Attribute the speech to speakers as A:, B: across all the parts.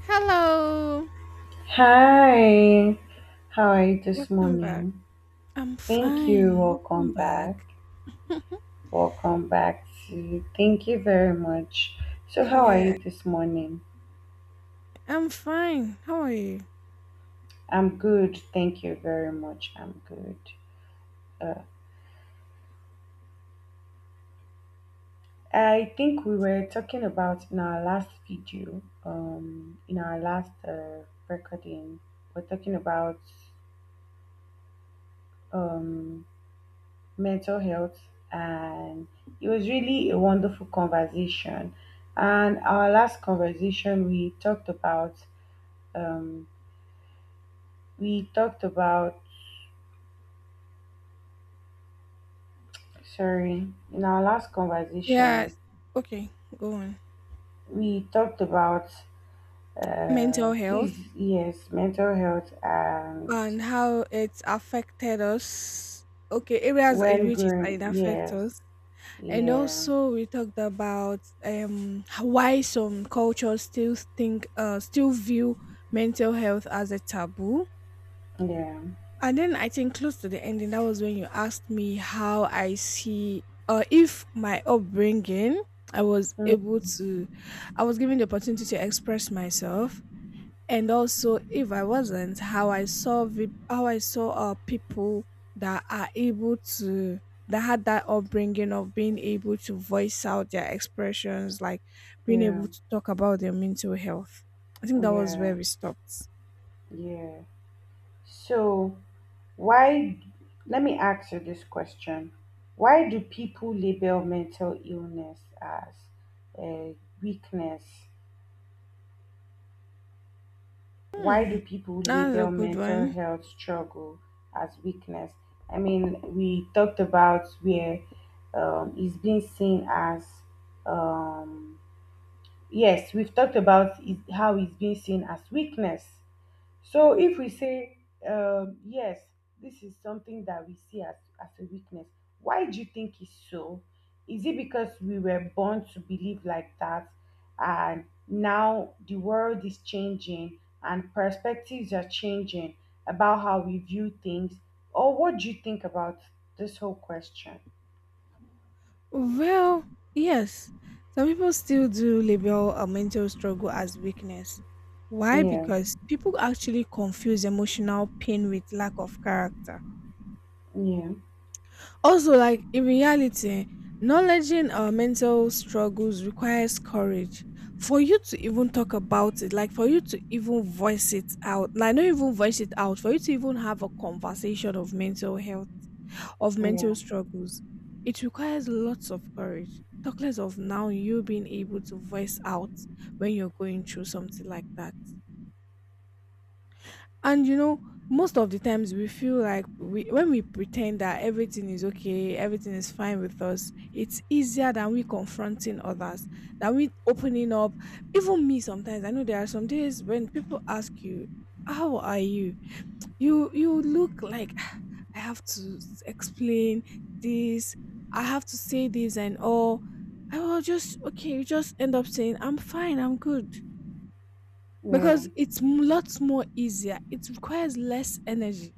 A: Hello,
B: Hi, how are you this
A: welcome back.
B: morning?
A: I'm
B: Thank you.
A: fine. Welcome
B: Welcome
A: back.
B: back. Welcome back to thank you very much. So, how are
A: Yeah,
B: you this morning?
A: I'm fine. How are you?
B: I'm good. Thank you very much. I'm good. Uh, I think we were talking about in our last video, in our last recording, we're talking about um mental health, and it was really a wonderful conversation. And our last conversation, we talked about um, we talked about sorry, in our last
A: Yeah,
B: conversation
A: okay, go on.
B: we talked about,
A: Mental health
B: please, yes, mental health. And
A: and how it's affected us. Okay, areas in
B: when
A: which it,
B: growing,
A: it affects
B: yes.
A: us. And
B: Yeah,
A: also we talked about why some cultures still think still view mental health as a taboo.
B: yeah,
A: And then I think close to the ending, that was when you asked me how I see or if my upbringing, I was able to, I was given the opportunity to express myself, and also if I wasn't, how I saw people that are able to that had that upbringing of being able to voice out their expressions, like being
B: yeah,
A: able to talk about their mental health. I think that was
B: yeah,
A: where we stopped.
B: yeah. So Why, let me ask you this question. Why do people label mental illness as a weakness? Why
A: Hmm,
B: do people
A: that a
B: label
A: good
B: mental
A: one.
B: health struggle as weakness? I mean, we talked about where, it's being seen as, um, yes, we've talked about it, how it's being seen as weakness. So if we say, yes, this is something that we see as a weakness, why do you think it's so? Is it because we were born to believe like that, and now the world is changing and perspectives are changing about how we view things? Or what do you think about this whole question?
A: Well, yes, some people still do label a mental struggle as weakness. Why?
B: Yeah,
A: Because people actually confuse emotional pain with lack of character.
B: yeah,
A: Also, like in reality, acknowledging our mental struggles requires courage. For you to even talk about it, like for you to even voice it out, like not even voice it out, for you to even have a conversation of mental health of
B: yeah,
A: mental struggles. It requires lots of courage, talk less of now you being able to voice out when you're going through something like that. And you know, most of the times we feel like when we pretend that everything is okay, everything is fine with us, it's easier than we confronting others, than we opening up. Even me sometimes, I know there are some days when people ask you, how are you? You look like I have to s- explain this, I have to say this and all. I will just okay, you just end up saying I'm fine, I'm good
B: yeah.
A: because lots more easier. It requires less energy.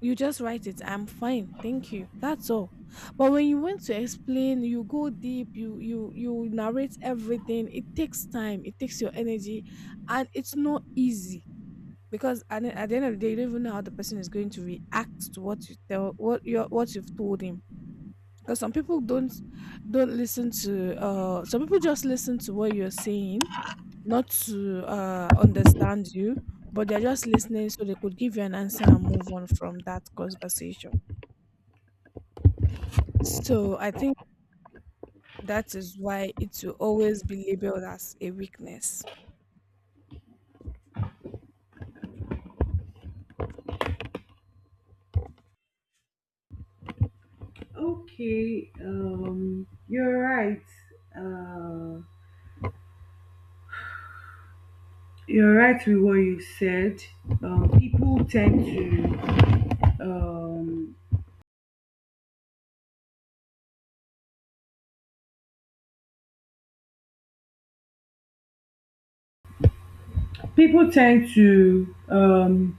A: You just write it, I'm fine, thank you. That's all. But when you want to explain, you go deep, you narrate everything. It takes time, it takes your energy, and it's not easy because at the end of the day, you don't even know how the person is going to react to what you tell what you've told him. Because some people don't listen to some people just listen to what you're saying, not to understand you, but they're just listening so they could give you an answer and move on from that conversation. So I think that is why it will always be labeled as a weakness.
B: Okay, you're right. Uh, You're right with what you said. Um, people tend to um, people tend to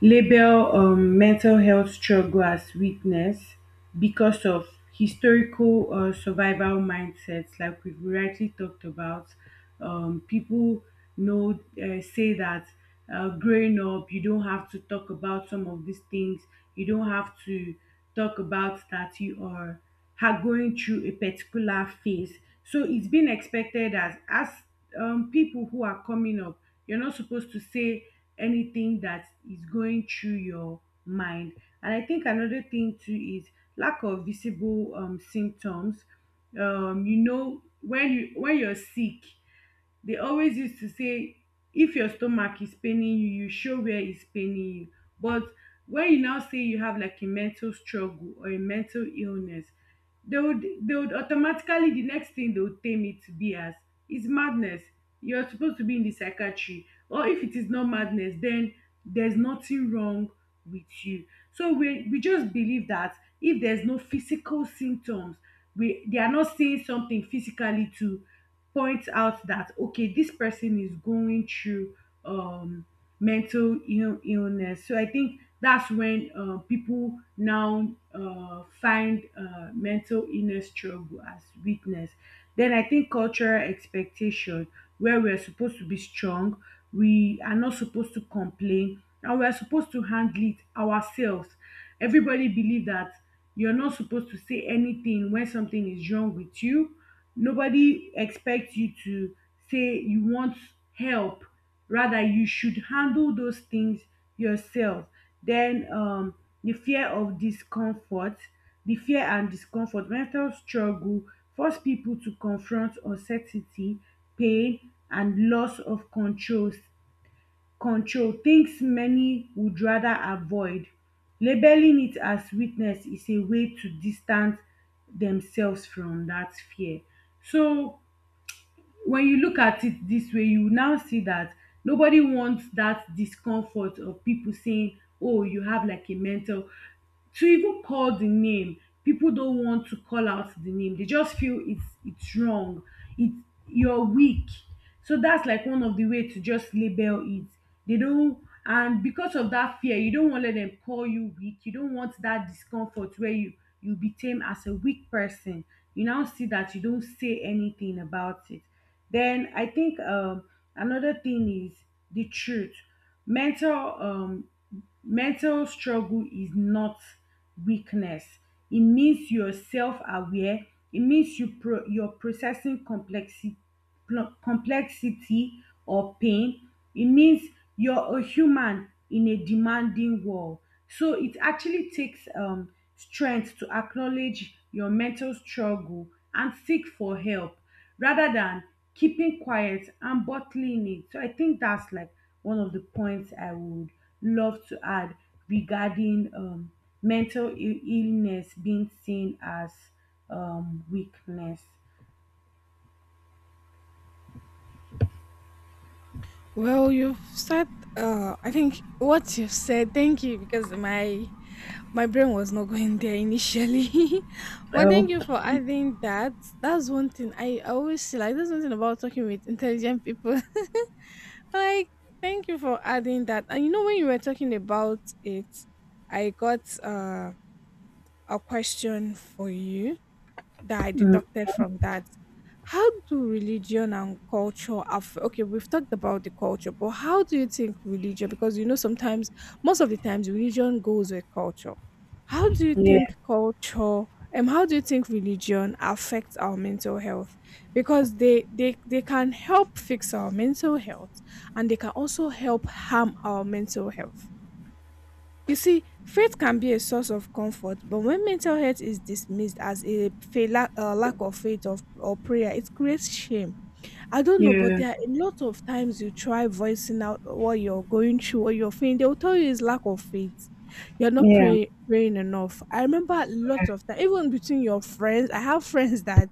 B: label, mental health struggle as weakness because of historical survival mindsets, like we've rightly talked about. People know, say that, growing up, you don't have to talk about some of these things. You don't have to talk about that you are going through a particular phase. So it's been expected as people who are coming up, you're not supposed to say anything that is going through your mind. And I think another thing too is lack of visible symptoms. You know, when you when you're sick, they always used to say if your stomach is paining you, you show where it's paining you. But when you now say you have like a mental struggle or a mental illness, they would automatically, the next thing, they would tame it to be as is madness. You're supposed to be in the psychiatry, or if it is not madness, then there's nothing wrong with you. So we just believe that if there's no physical symptoms, we they are not saying something physically to points out that okay, this person is going through um mental illness. So I think that's when, people now, find, mental illness struggle as weakness. Then I think cultural expectation, where we're supposed to be strong, we are not supposed to complain, and we're supposed to handle it ourselves. Everybody believe that you're not supposed to say anything when something is wrong with you. Nobody expects you to say you want help, rather you should handle those things yourself. then um the fear of discomfort, the fear and discomfort mental struggle force people to confront uncertainty, pain, and loss of controls, control, things many would rather avoid. Labeling it as weakness is a way to distance themselves from that fear. So when you look at it this way, you now see that nobody wants that discomfort of people saying, "Oh, you have like a mental." To even call the name, people don't want to call out the name, they just feel it's wrong, it's you're weak. So that's like one of the way to just label it. They don't, and because of that fear, you don't want to let them call you weak, you don't want that discomfort where you became as a weak person. You now see that you don't say anything about it. Then I think another thing is the truth. mental um mental struggle is not weakness. It means you're self-aware, it means you you're processing complexity, complexity or pain. It means you're a human in a demanding world. So it actually takes, strength to acknowledge your mental struggle and seek for help, rather than keeping quiet and bottling it. So I think that's like one of the points I would love to add regarding, mental illness being seen as, weakness.
A: Well, you've said, I think what you've said, thank you, because my brain was not going there initially. But thank you
B: Okay.
A: for adding that. That's one thing I always see, like that's one thing about talking with intelligent people. Like, thank you for adding that. And you know, when you were talking about it, I got a question for you that I deducted from that. How do religion and culture affect? Okay, we've talked about the culture, but how do you think religion? Because you know, sometimes, most of the times, religion goes with culture. How do you
B: Yeah,
A: think culture? How do you think religion affects our mental health? Because they can help fix our mental health, and they can also help harm our mental health. You see, faith can be a source of comfort, but when mental health is dismissed as a failure, lack of faith of, or prayer, it creates shame. I don't know, but
B: yeah,
A: there are a lot of times you try voicing out what you're going through, what you're feeling, they will tell you it's lack of faith. You're not
B: yeah.
A: pray, praying enough. I remember lots of time, even between your friends, I have friends that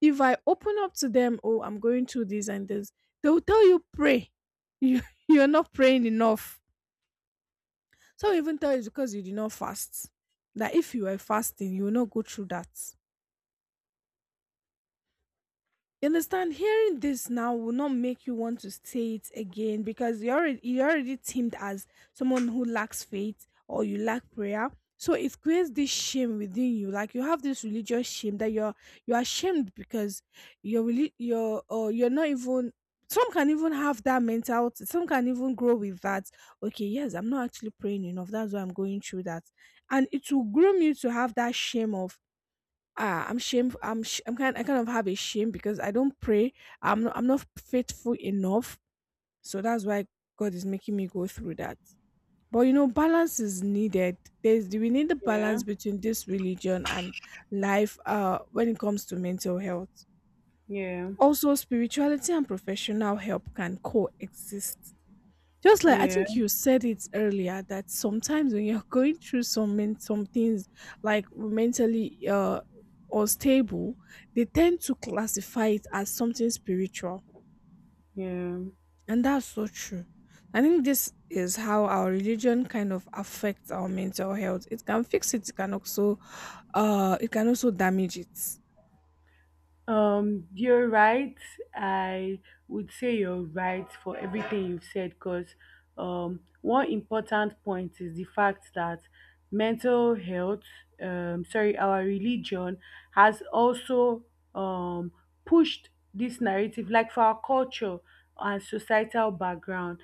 A: if I open up to them, oh, I'm going through this and this, they will tell you pray. You, you're not praying enough. Some even tell you it's because you did not fast. That if you were fasting, you will not go through that. You understand? Hearing this now will not make you want to say it again because you are already teamed as someone who lacks faith or you lack prayer. So it creates this shame within you. Like you have this religious shame that you're ashamed because you're really you're or you're not even, some can even have that mentality. Some can even grow with that. Okay, yes, I'm not actually praying enough. That's why I'm going through that. And it will groom you to have that shame of, ah, I kind of have a shame because I don't pray I'm not faithful enough, so that's why god is making me go through that. But you know, balance is needed. There's we need the
B: Yeah.
A: balance between this religion and life when it comes to mental health.
B: Yeah.
A: Also, spirituality and professional help can coexist, just like I
B: Yeah.
A: think you said it earlier that sometimes when you're going through some things like mentally unstable, they tend to classify it as something spiritual,
B: Yeah.
A: and that's so true. I think this is how our religion kind of affects our mental health. It can fix it, it can also damage it.
B: You're right. I would say you're right for everything you've said because, one important point is the fact that mental health, sorry, our religion has also, um, pushed this narrative, like for our culture and societal background.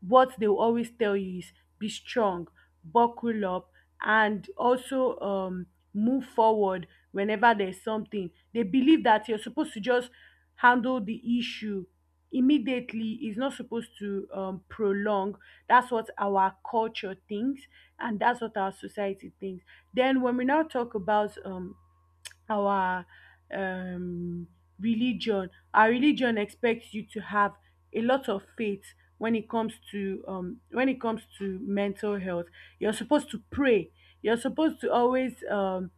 B: What they will always tell you is be strong, buckle up, and also, move forward whenever there's something. They believe that you're supposed to just handle the issue immediately, it's not supposed to, prolong. That's what our culture thinks, and that's what our society thinks. Then, when we now talk about, our um, our religion expects you to have a lot of faith when it comes to, mental health. You're supposed to pray, you're supposed to always,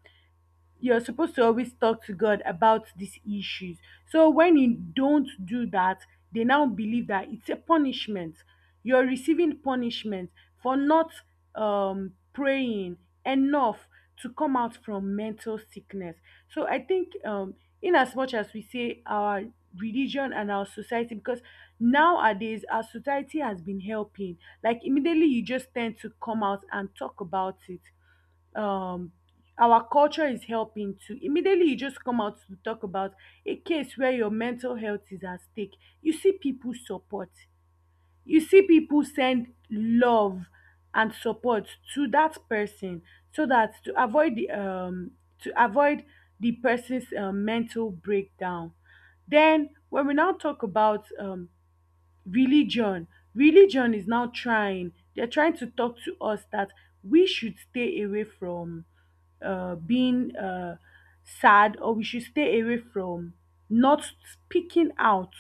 B: you're supposed to always talk to God about these issues. So when you don't do that, they now believe that it's a punishment. You're receiving punishment for not, praying enough to come out from mental sickness. So I think, in as much as we say our religion and our society, because nowadays our society has been helping, like immediately, you just tend to come out and talk about it. um our culture is helping to immediately, you just come out to talk about a case where your mental health is at stake. You see people support, you see people send love and support to that person, so that to avoid the, to avoid the person's, mental breakdown. Then when we now talk about, religion religion is now trying, they're trying to talk to us that we should stay away from, being, sad, or we should stay away from not speaking out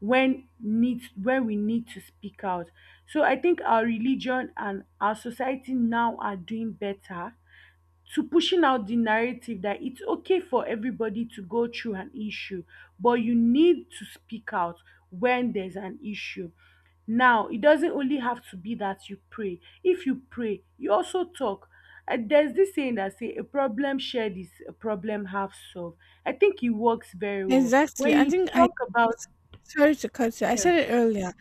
B: when needs when we need to speak out. So I think our religion and our society now are doing better to pushing out the narrative that it's okay for everybody to go through an issue, but you need to speak out when there's an issue. Now, it doesn't only have to be that you pray. If you pray, you also talk. And there's this saying that say a problem shared is a problem half solved. I think it works very well.
A: Exactly.
B: When
A: I
B: you
A: think I
B: talk about,
A: it's Sorry to cut you. I said it earlier.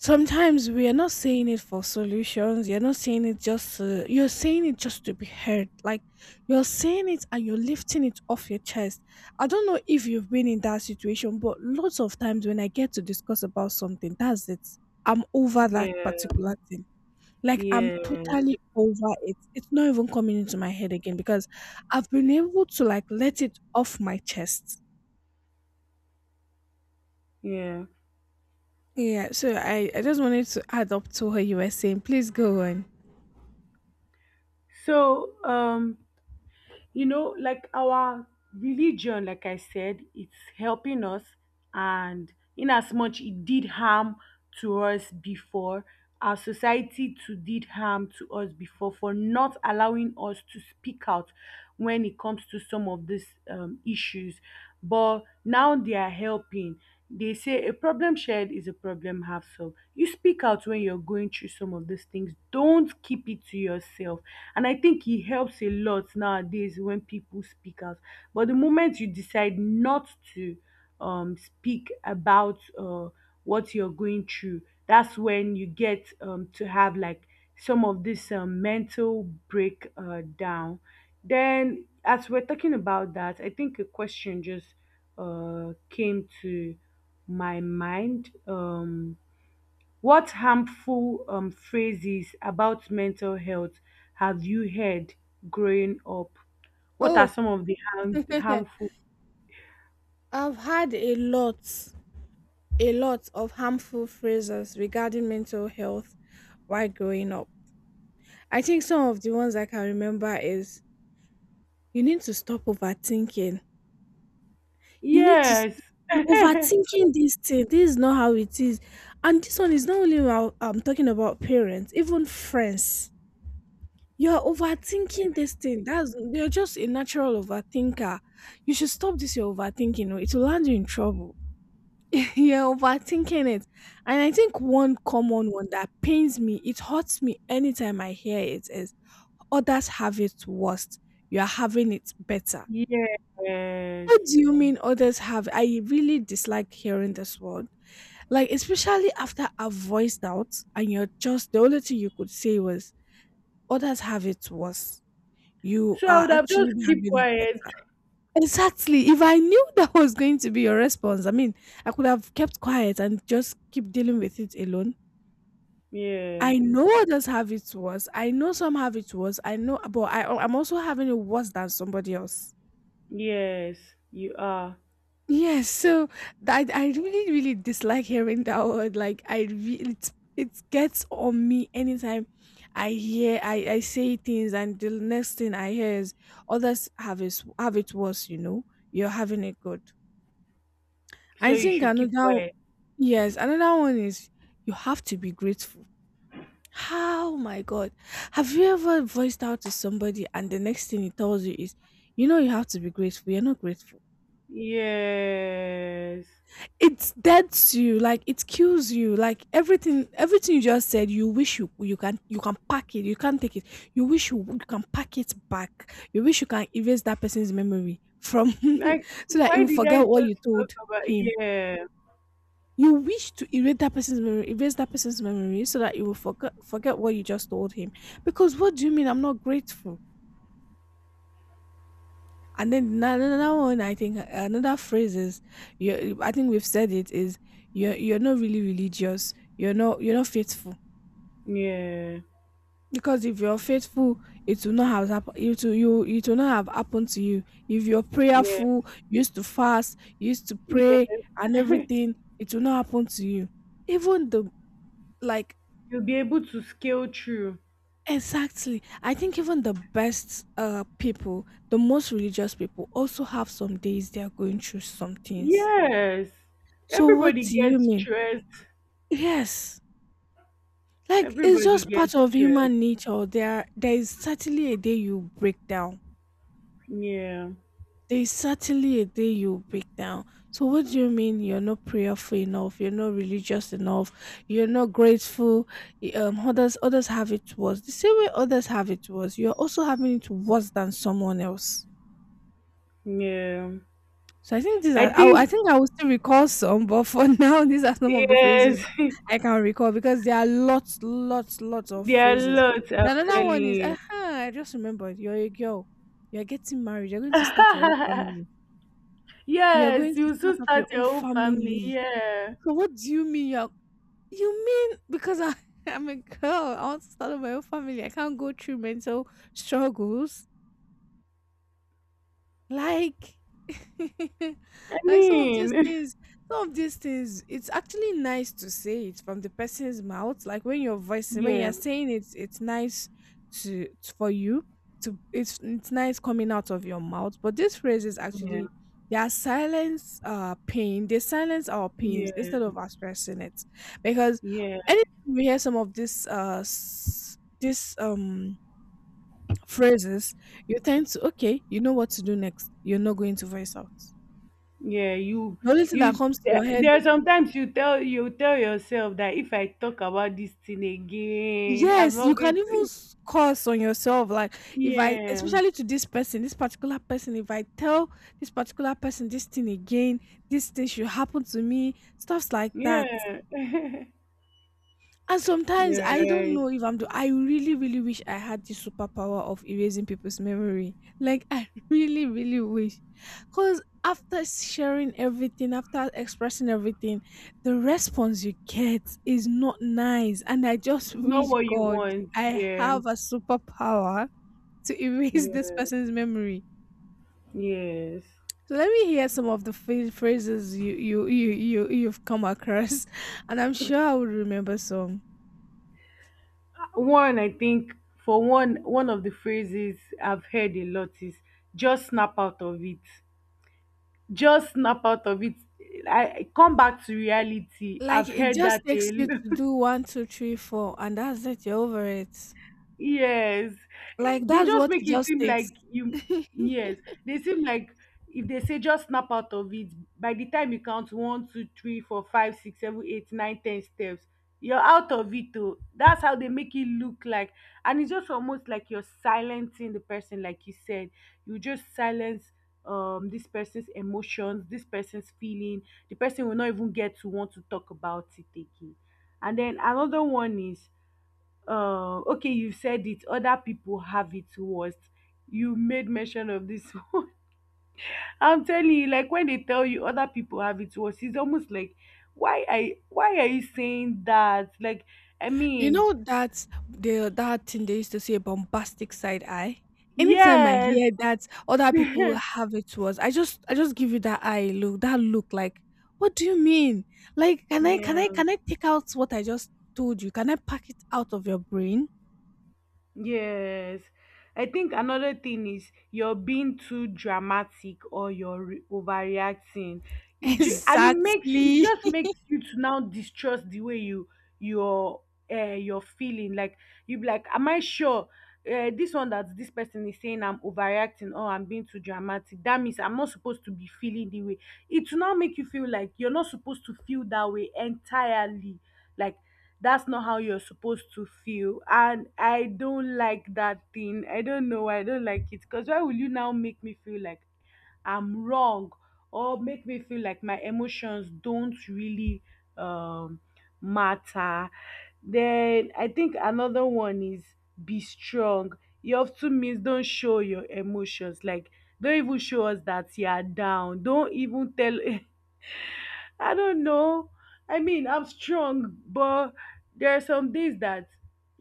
A: Sometimes we are not saying it for solutions, you're not saying it just to, you're saying it just to be heard, like you're saying it and you're lifting it off your chest. I don't know if you've been in that situation, but lots of times when I get to discuss about something, that's it, I'm over that
B: yeah,
A: particular thing, like I'm
B: yeah, yes,
A: totally over it, it's not even coming into my head again because I've been able to, like, let it off my chest.
B: yeah.
A: Yeah, so I just wanted to add up to what you were saying. Please go on.
B: So you know, like our religion, like I said, it's helping us, and in as much it did harm to us before, our society too did harm to us before for not allowing us to speak out when it comes to some of these, issues. But now they are helping. They say a problem shared is a problem half solved. You speak out when you're going through some of these things, don't keep it to yourself. And I think it helps a lot nowadays when people speak out. But the moment you decide not to, speak about, what you're going through, that's when you get, to have like some of this, mental breakdown. Then, as we're talking about that, I think a question just, came to my mind. What harmful, phrases about mental health have you heard growing up? What are
A: Oh,
B: some of the harmful?
A: I've had a lot of harmful phrases regarding mental health while growing up. I think some of the ones I can remember is you need to stop overthinking. You need to s-
B: Yes.
A: you're overthinking this thing. This is not how it is. And this one is not only about, I'm talking about parents, even friends. You're overthinking this thing. That's, you're just a natural overthinker. You should stop this. You're overthinking, or it will land you in trouble. You're overthinking it. And I think one common one that pains me, it hurts me anytime I hear it is, others have it worse. You're having it better.
B: Yes.
A: What do you mean others have? I really dislike hearing this word. Like, especially after I've voiced out and you're just, the only thing you could say was, others have it worse. You
B: So I
A: are
B: would have
A: actually
B: just keep
A: having it
B: quiet.
A: better. Exactly. If I knew that was going to be your response, I mean, I could have kept quiet and just keep dealing with it alone.
B: Yeah.
A: I know others have it worse. I know some have it worse. I know, but I'm also having it worse than somebody else.
B: Yes, you are.
A: Yes, so I really dislike hearing that word. Like it's it gets on me anytime I hear, I say things and the next thing I hear is, others have it worse. You know, you're having it good. I
B: So you
A: think
B: should keep
A: another,
B: quiet.
A: yes, another one is, you have to be grateful. How my God, have you ever voiced out to somebody and the next thing he tells you is, you know, you have to be grateful. You're not grateful.
B: Yes.
A: It deads you, like it kills you, like everything. Everything you just said, you wish you can pack it. You can't take it. You can pack it back. You wish you can erase that person's memory from
B: Like,
A: so that he
B: why
A: will
B: did I
A: forget what you
B: just talk
A: told
B: about?
A: him.
B: Yeah.
A: You wish to erase that person's memory, so that you will forget forget what you just told him. Because what do you mean? I'm not grateful. And then another one, I think another phrase is, you. I think we've said it is, you're not really religious. You're not faithful
B: Yeah.
A: because if you're faithful, it will not have happened. It will not have happened to you. If you're
B: Yeah.
A: prayerful, you used to fast, you used to pray
B: Yeah.
A: and everything, it will not happen to you. Even the, like,
B: You'll be able to scale through.
A: exactly. I think even the best people, the most religious people, also have some days they are going through some things.
B: Yes.
A: So what
B: Everybody
A: do you
B: gets
A: mean?
B: stressed.
A: Yes. Like it's
B: Everybody
A: just
B: gets
A: part of human
B: stressed.
A: nature. There is certainly a day you break down.
B: Yeah.
A: There is certainly a day you break down. So what do you mean you're not prayerful enough, you're not religious enough, you're not grateful, others have it worse. The same way others have it worse, you're also having it worse than someone else.
B: Yeah.
A: So I think these
B: I
A: are. I
B: think,
A: think I will still recall some, but for now, these are some of the
B: yes.
A: phrases I can recall because there are lots, lots, lots of
B: There are
A: phrases.
B: lots, I'm
A: The another
B: telling
A: one is,
B: you.
A: I just remembered. You're a girl. You're getting married. You're going to start your own family. You're going
B: Yes,
A: to
B: you
A: start
B: soon
A: up
B: start
A: your own
B: your own family.
A: family.
B: Yeah.
A: So what do you mean? You mean because I, I'm a girl. I want to start up my own family. I can't go through mental struggles. Like
B: I
A: like some of these
B: mean,
A: things some of these things it's actually nice to say it from the person's mouth, like when
B: yeah,
A: you're saying it, it's nice for you to, it's nice coming out of your mouth. But these phrases
B: yeah,
A: actually, they are silence pain. They silence our pains
B: yeah,
A: instead of expressing it, because
B: yeah,
A: anytime we hear some of this phrases, you tend to, okay, you know what to do next. You're not going to voice out.
B: yeah.
A: The only thing that
B: You.
A: comes to your head
B: There are
A: is.
B: sometimes you tell yourself that if I talk about this thing again, I'm
A: Yes, you
B: not
A: can
B: going
A: even
B: to.
A: curse on yourself. Like, if I
B: Yeah.
A: especially to this person, this particular person, if I tell this particular person this thing again, this thing should happen to me, stuffs like that.
B: Yeah,
A: And sometimes
B: yeah,
A: I don't
B: right.
A: know if I'm. I really, really wish I had the superpower of erasing people's memory. Like I really, really wish, because after sharing everything, after expressing everything, the response you get is not nice, and I just
B: It's not
A: wish
B: what you
A: God
B: want.
A: I
B: Yeah,
A: have a superpower to erase this
B: yeah,
A: person's memory.
B: yes.
A: So let me hear some of the phrases you've come across, and I'm sure I will remember some.
B: One, I think for one, one of the phrases I've heard a lot is just snap out of it. Just snap out of it. I come back to reality.
A: Like
B: I've
A: it
B: heard that
A: just takes you
B: a
A: to do one, two, three, four, and that's it. You're over it.
B: Yes,
A: Like
B: they
A: that's
B: just
A: what it
B: make it
A: just
B: seem
A: takes.
B: like you. Yes, they seem like if they say just snap out of it, by the time you count 1, 2, 3, 4, 5, 6, 7, 8, 9, 10 steps, you're out of it. Though that's how they make it look like, and it's just almost like you're silencing the person, like you said, you just silence this person's emotions, this person's feeling. The person will not even get to want to talk about it again. And then another one is okay, you said it, other people have it worse, you made mention of this. I'm telling you, like when they tell you other people have it worse, it's almost like, why I why are you saying that? like i
A: You
B: mean
A: know that thing they used to say, bombastic side eye. Anytime I
B: yes.
A: hear that other people
B: Yeah.
A: have it towards, I just give you that eye look, that look like, what do you mean? Like, can I take out what I just told you? Can I pack it out of your brain?
B: Yes. I think another thing is you're being too dramatic or you're overreacting. And it makes it,
A: Exactly.
B: just makes you to now distrust the way you're you're feeling. Like, you be like, am I sure this one, that this person is saying I'm overreacting or I'm being too dramatic? That means I'm not supposed to be feeling the way. It will now make you feel like you're not supposed to feel that way entirely. Like, that's not how you're supposed to feel, and I don't like that thing. I don't know why I don't like it, because why will you now make me feel like I'm wrong, or make me feel like my emotions don't really um matter? Then I think another one is, be strong. It often means, don't show your emotions, like don't even show us that you are down, don't even tell. I don't know. I mean, I'm strong, but there are some days that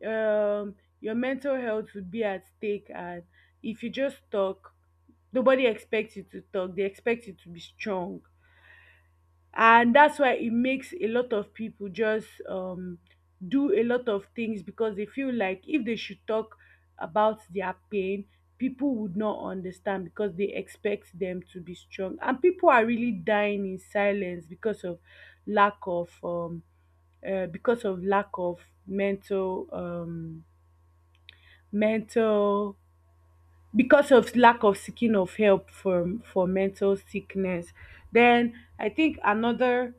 B: your mental health will be at stake, and if you just talk, nobody expects you to talk. They expect you to be strong, and that's why it makes a lot of people just do a lot of things, because they feel like if they should talk about their pain, people would not understand, because they expect them to be strong, and people are really dying in silence because of lack of because of lack of mental um mental, because of lack of seeking of help from, for mental sickness. Then I think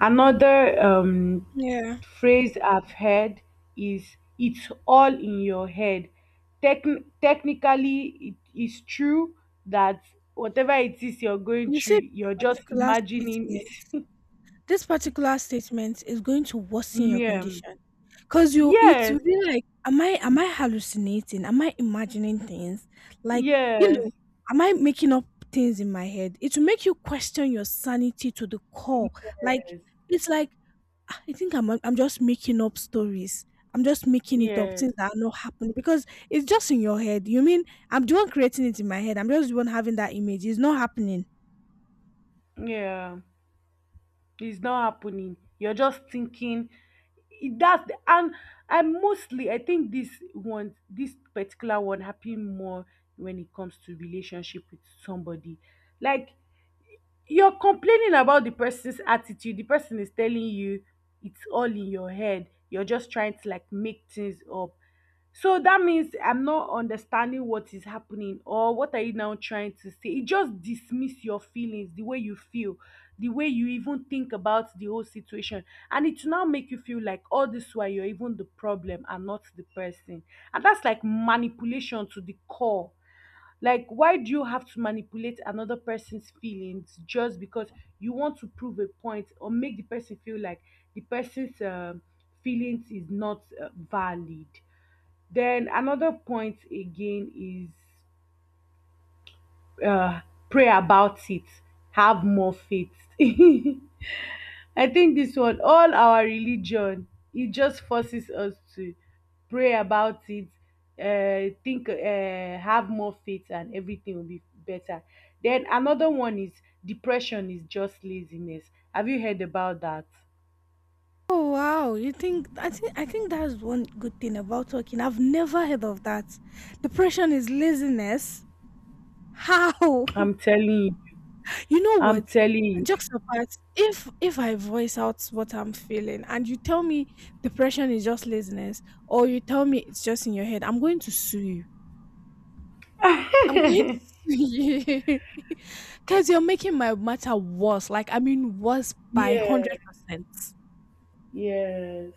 B: another
A: Yeah.
B: phrase I've heard is, "It's all in your head." Technically, it is true that whatever it is you're going
A: You said
B: through, you're just
A: particular
B: imagining
A: statement.
B: it.
A: This particular statement is going to worsen your
B: Yeah.
A: condition. Cause you it
B: Yes.
A: will be like, am I hallucinating? Am I imagining things? Like, you
B: Yes.
A: know, am I making up things in my head? It will make you question your sanity to the core. Like
B: Yes.
A: it's like, "Ah, I think I'm just making up stories. I'm just making it up,
B: Yes.
A: things that are not happening because it's just in your head. You mean I'm the one creating it in my head. I'm just the one having that image. It's not happening."
B: Yeah. It's not happening. You're just thinking that's the, and I mostly, I think this one, this particular one happen more when it comes to relationship with somebody. Like, you're complaining about the person's attitude, the person is telling you it's all in your head, you're just trying to like make things up. So that means I'm not understanding what is happening, or what are you now trying to say? It just dismiss your feelings, the way you feel, the way you even think about the whole situation, and it now make you feel like all this while you're even the problem and not the person, and that's like manipulation to the core. Like, why do you have to manipulate another person's feelings, just because you want to prove a point or make the person feel like the person's feelings is not valid? Then another point again is, uh, pray about it, have more faith. I think this one, all our religion, it just forces us to pray about it, think, have more faith, and everything will be better. Then another one is, depression is just laziness. Have you heard about that?
A: Oh wow, you think I think that's one good thing about working. I've never heard of that. Depression is laziness. How?
B: I'm telling you.
A: You know
B: I'm
A: what?
B: telling you.
A: Jokes apart, if I voice out what I'm feeling and you tell me depression is just laziness, or you tell me it's just in your head, I'm going to sue you. I'm going to sue you. Because you're making my matter worse. Like I mean worse by one
B: Yeah.
A: hundred percent.
B: Yes.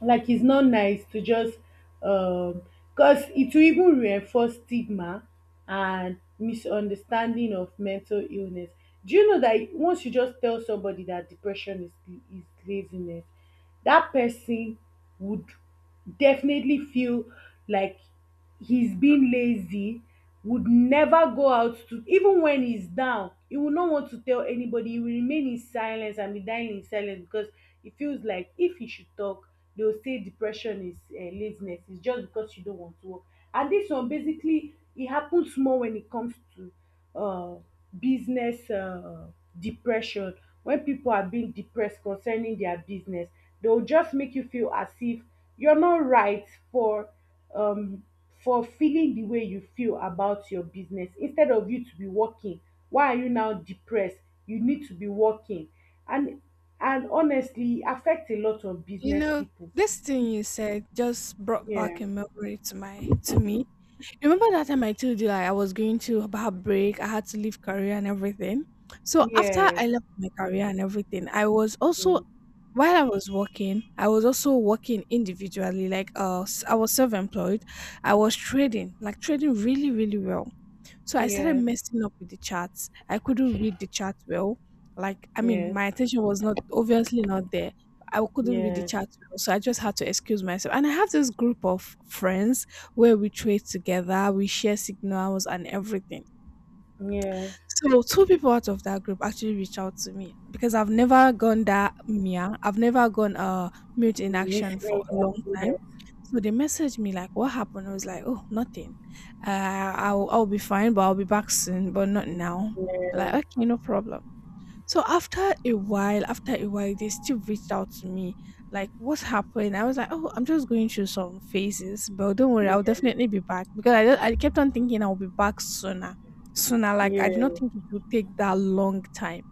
B: Like, it's not nice to just um because it will even reinforce stigma and misunderstanding of mental illness. Do you know that once you just tell somebody that depression is laziness, that person would definitely feel like he's been lazy, would never go out to, even when he's down he will not want to tell anybody, he will remain in silence and be dying in silence, because he feels like if he should talk, they will say depression is laziness, it's just because you don't want to work. And this one basically, it happens more when it comes to uh, business, depression. When people are being depressed concerning their business, they will just make you feel as if you're not right um, for feeling the way you feel about your business. Instead of you to be working, why are you now depressed? You need to be working. and and honestly, it affects a lot of
A: You
B: business
A: know,
B: people.
A: this thing you said just brought
B: Yeah.
A: back a memory to me. Remember that time I told you, like I was going to about break, I had to leave career and everything. So after
B: Yes.
A: I left my career and everything, I was also,
B: Mm.
A: while I was working, I was also working individually. Like I was self-employed. I was trading, like trading really, really well. So I started
B: Yes.
A: messing up with the charts. I couldn't read the chart well. Like, I mean,
B: Yes.
A: my attention was not obviously not there. I couldn't read the
B: Yes.
A: chart well, so I just had to excuse myself. And I have this group of friends where we trade together, we share signals and everything.
B: Yes.
A: So two people out of that group actually reached out to me because I've never gone that MIA. I've never gone mute in
B: Mm,
A: action for
B: listening.
A: a long time.
B: Yes.
A: So they messaged me like, "What happened?" I was like, "Oh, nothing. Uh, I'll be fine, but I'll be back soon, but not now."
B: Yeah.
A: Like, okay, no problem. So after a while, they still reached out to me. Like, what happened? I was like, oh, I'm just going through some phases, but don't worry, I'll definitely be back because I kept on thinking I'll be back sooner, sooner. Like I did not
B: Yeah.
A: think it would take that long time.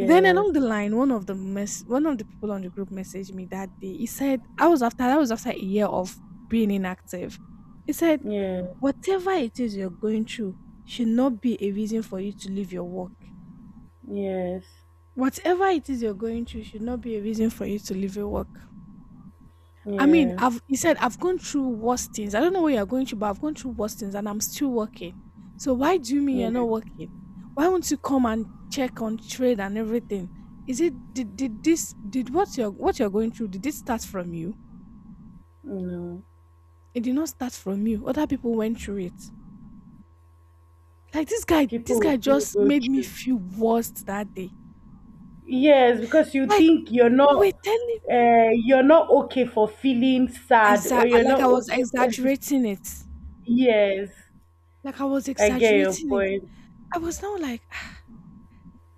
A: Then along the line, one of the people on the group messaged me that day. He said I was after that was after a year of being inactive. He said
B: Yeah.
A: whatever it is you're going through should not be a reason for you to leave your work.
B: Yes.
A: Whatever it is you're going through should not be a reason for you to leave your work. I mean,
B: Yeah.
A: I've he said I've gone through worse things. I don't know what you're going through, but I've gone through worse things and I'm still working. So why do you mean
B: Yeah.
A: you're not working? Why won't you come and check on trade and everything? Is it did this did what you're going through, did it start from you?
B: No.
A: It did not start from you. Other people went through it. Like this guy, this
B: People will
A: guy
B: still
A: just
B: go
A: made me
B: through.
A: feel worse that day.
B: Yes, because you
A: Like
B: think
A: you were telling
B: you're not okay for feeling sad, or you're
A: like I
B: not
A: was
B: okay for
A: exaggerating it.
B: yes.
A: Like I was
B: I get your
A: exaggerating it.
B: point.
A: I was now like, "Ah,"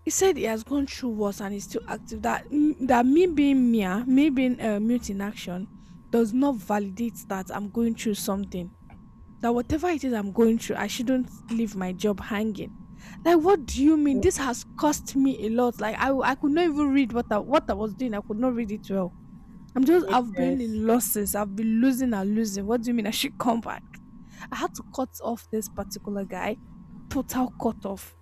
A: he said he has gone through worse and he's still active. That me being MIA, me being mute in action, does not validate that I'm going through something. That whatever it is I'm going through, I shouldn't leave my job hanging. Like, what do you mean? This has cost me a lot. Like, I could not even read what I was doing. I could not read it well. I've been
B: Yes.
A: in losses. I've been losing and losing. What do you mean I should come back? I had to cut off this particular guy. Total cut off.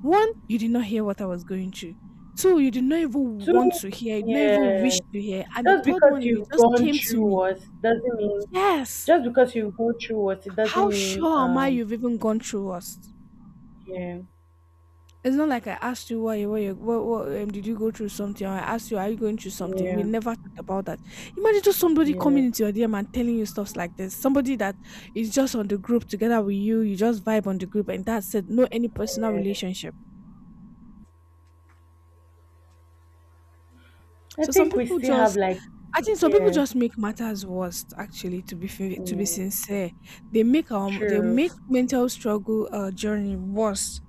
A: One, you did not hear what I was going through. Two, you did not even
B: Two,
A: want to hear, you did not even wish
B: yes.
A: to hear. And the
B: Just
A: third
B: because
A: one, you
B: you've
A: just
B: gone
A: came to
B: through
A: me.
B: what doesn't mean,
A: Yes.
B: just because you've gone through what it
A: How
B: doesn't mean
A: sure am I you've even gone through us?
B: yeah,
A: It's not like I asked you why you why you what did you go through something, or I asked you are you going through something. We
B: yeah,
A: never talked about that. Imagine just somebody coming
B: yeah,
A: into your DM and telling you stuffs like this. Somebody that is just on the group together with you, you just vibe on the group and that's it. No any personal
B: yeah.
A: relationship.
B: I
A: So some
B: think we
A: people
B: still have
A: just
B: like,
A: I think some people
B: yeah,
A: just make matters worse. Actually, to be fair, to be
B: yeah,
A: sincere, they make um they
B: true.
A: make mental struggle journey worse.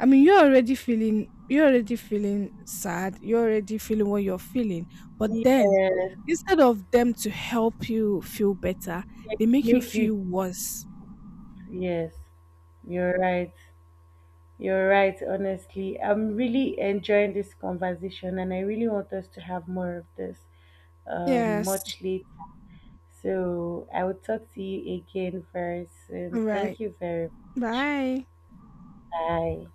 A: I mean, you're already feeling sad. You're already feeling what you're feeling. But then,
B: Yes.
A: instead of them to help you feel better,
B: They
A: they make you
B: make you.
A: feel worse.
B: Yes, you're right. You're right, honestly. I'm really enjoying this conversation, and I really want us to have more of this
A: Yes.
B: much later. So I will talk to you again very
A: All
B: soon.
A: right.
B: Thank you very much.
A: Bye.
B: Bye.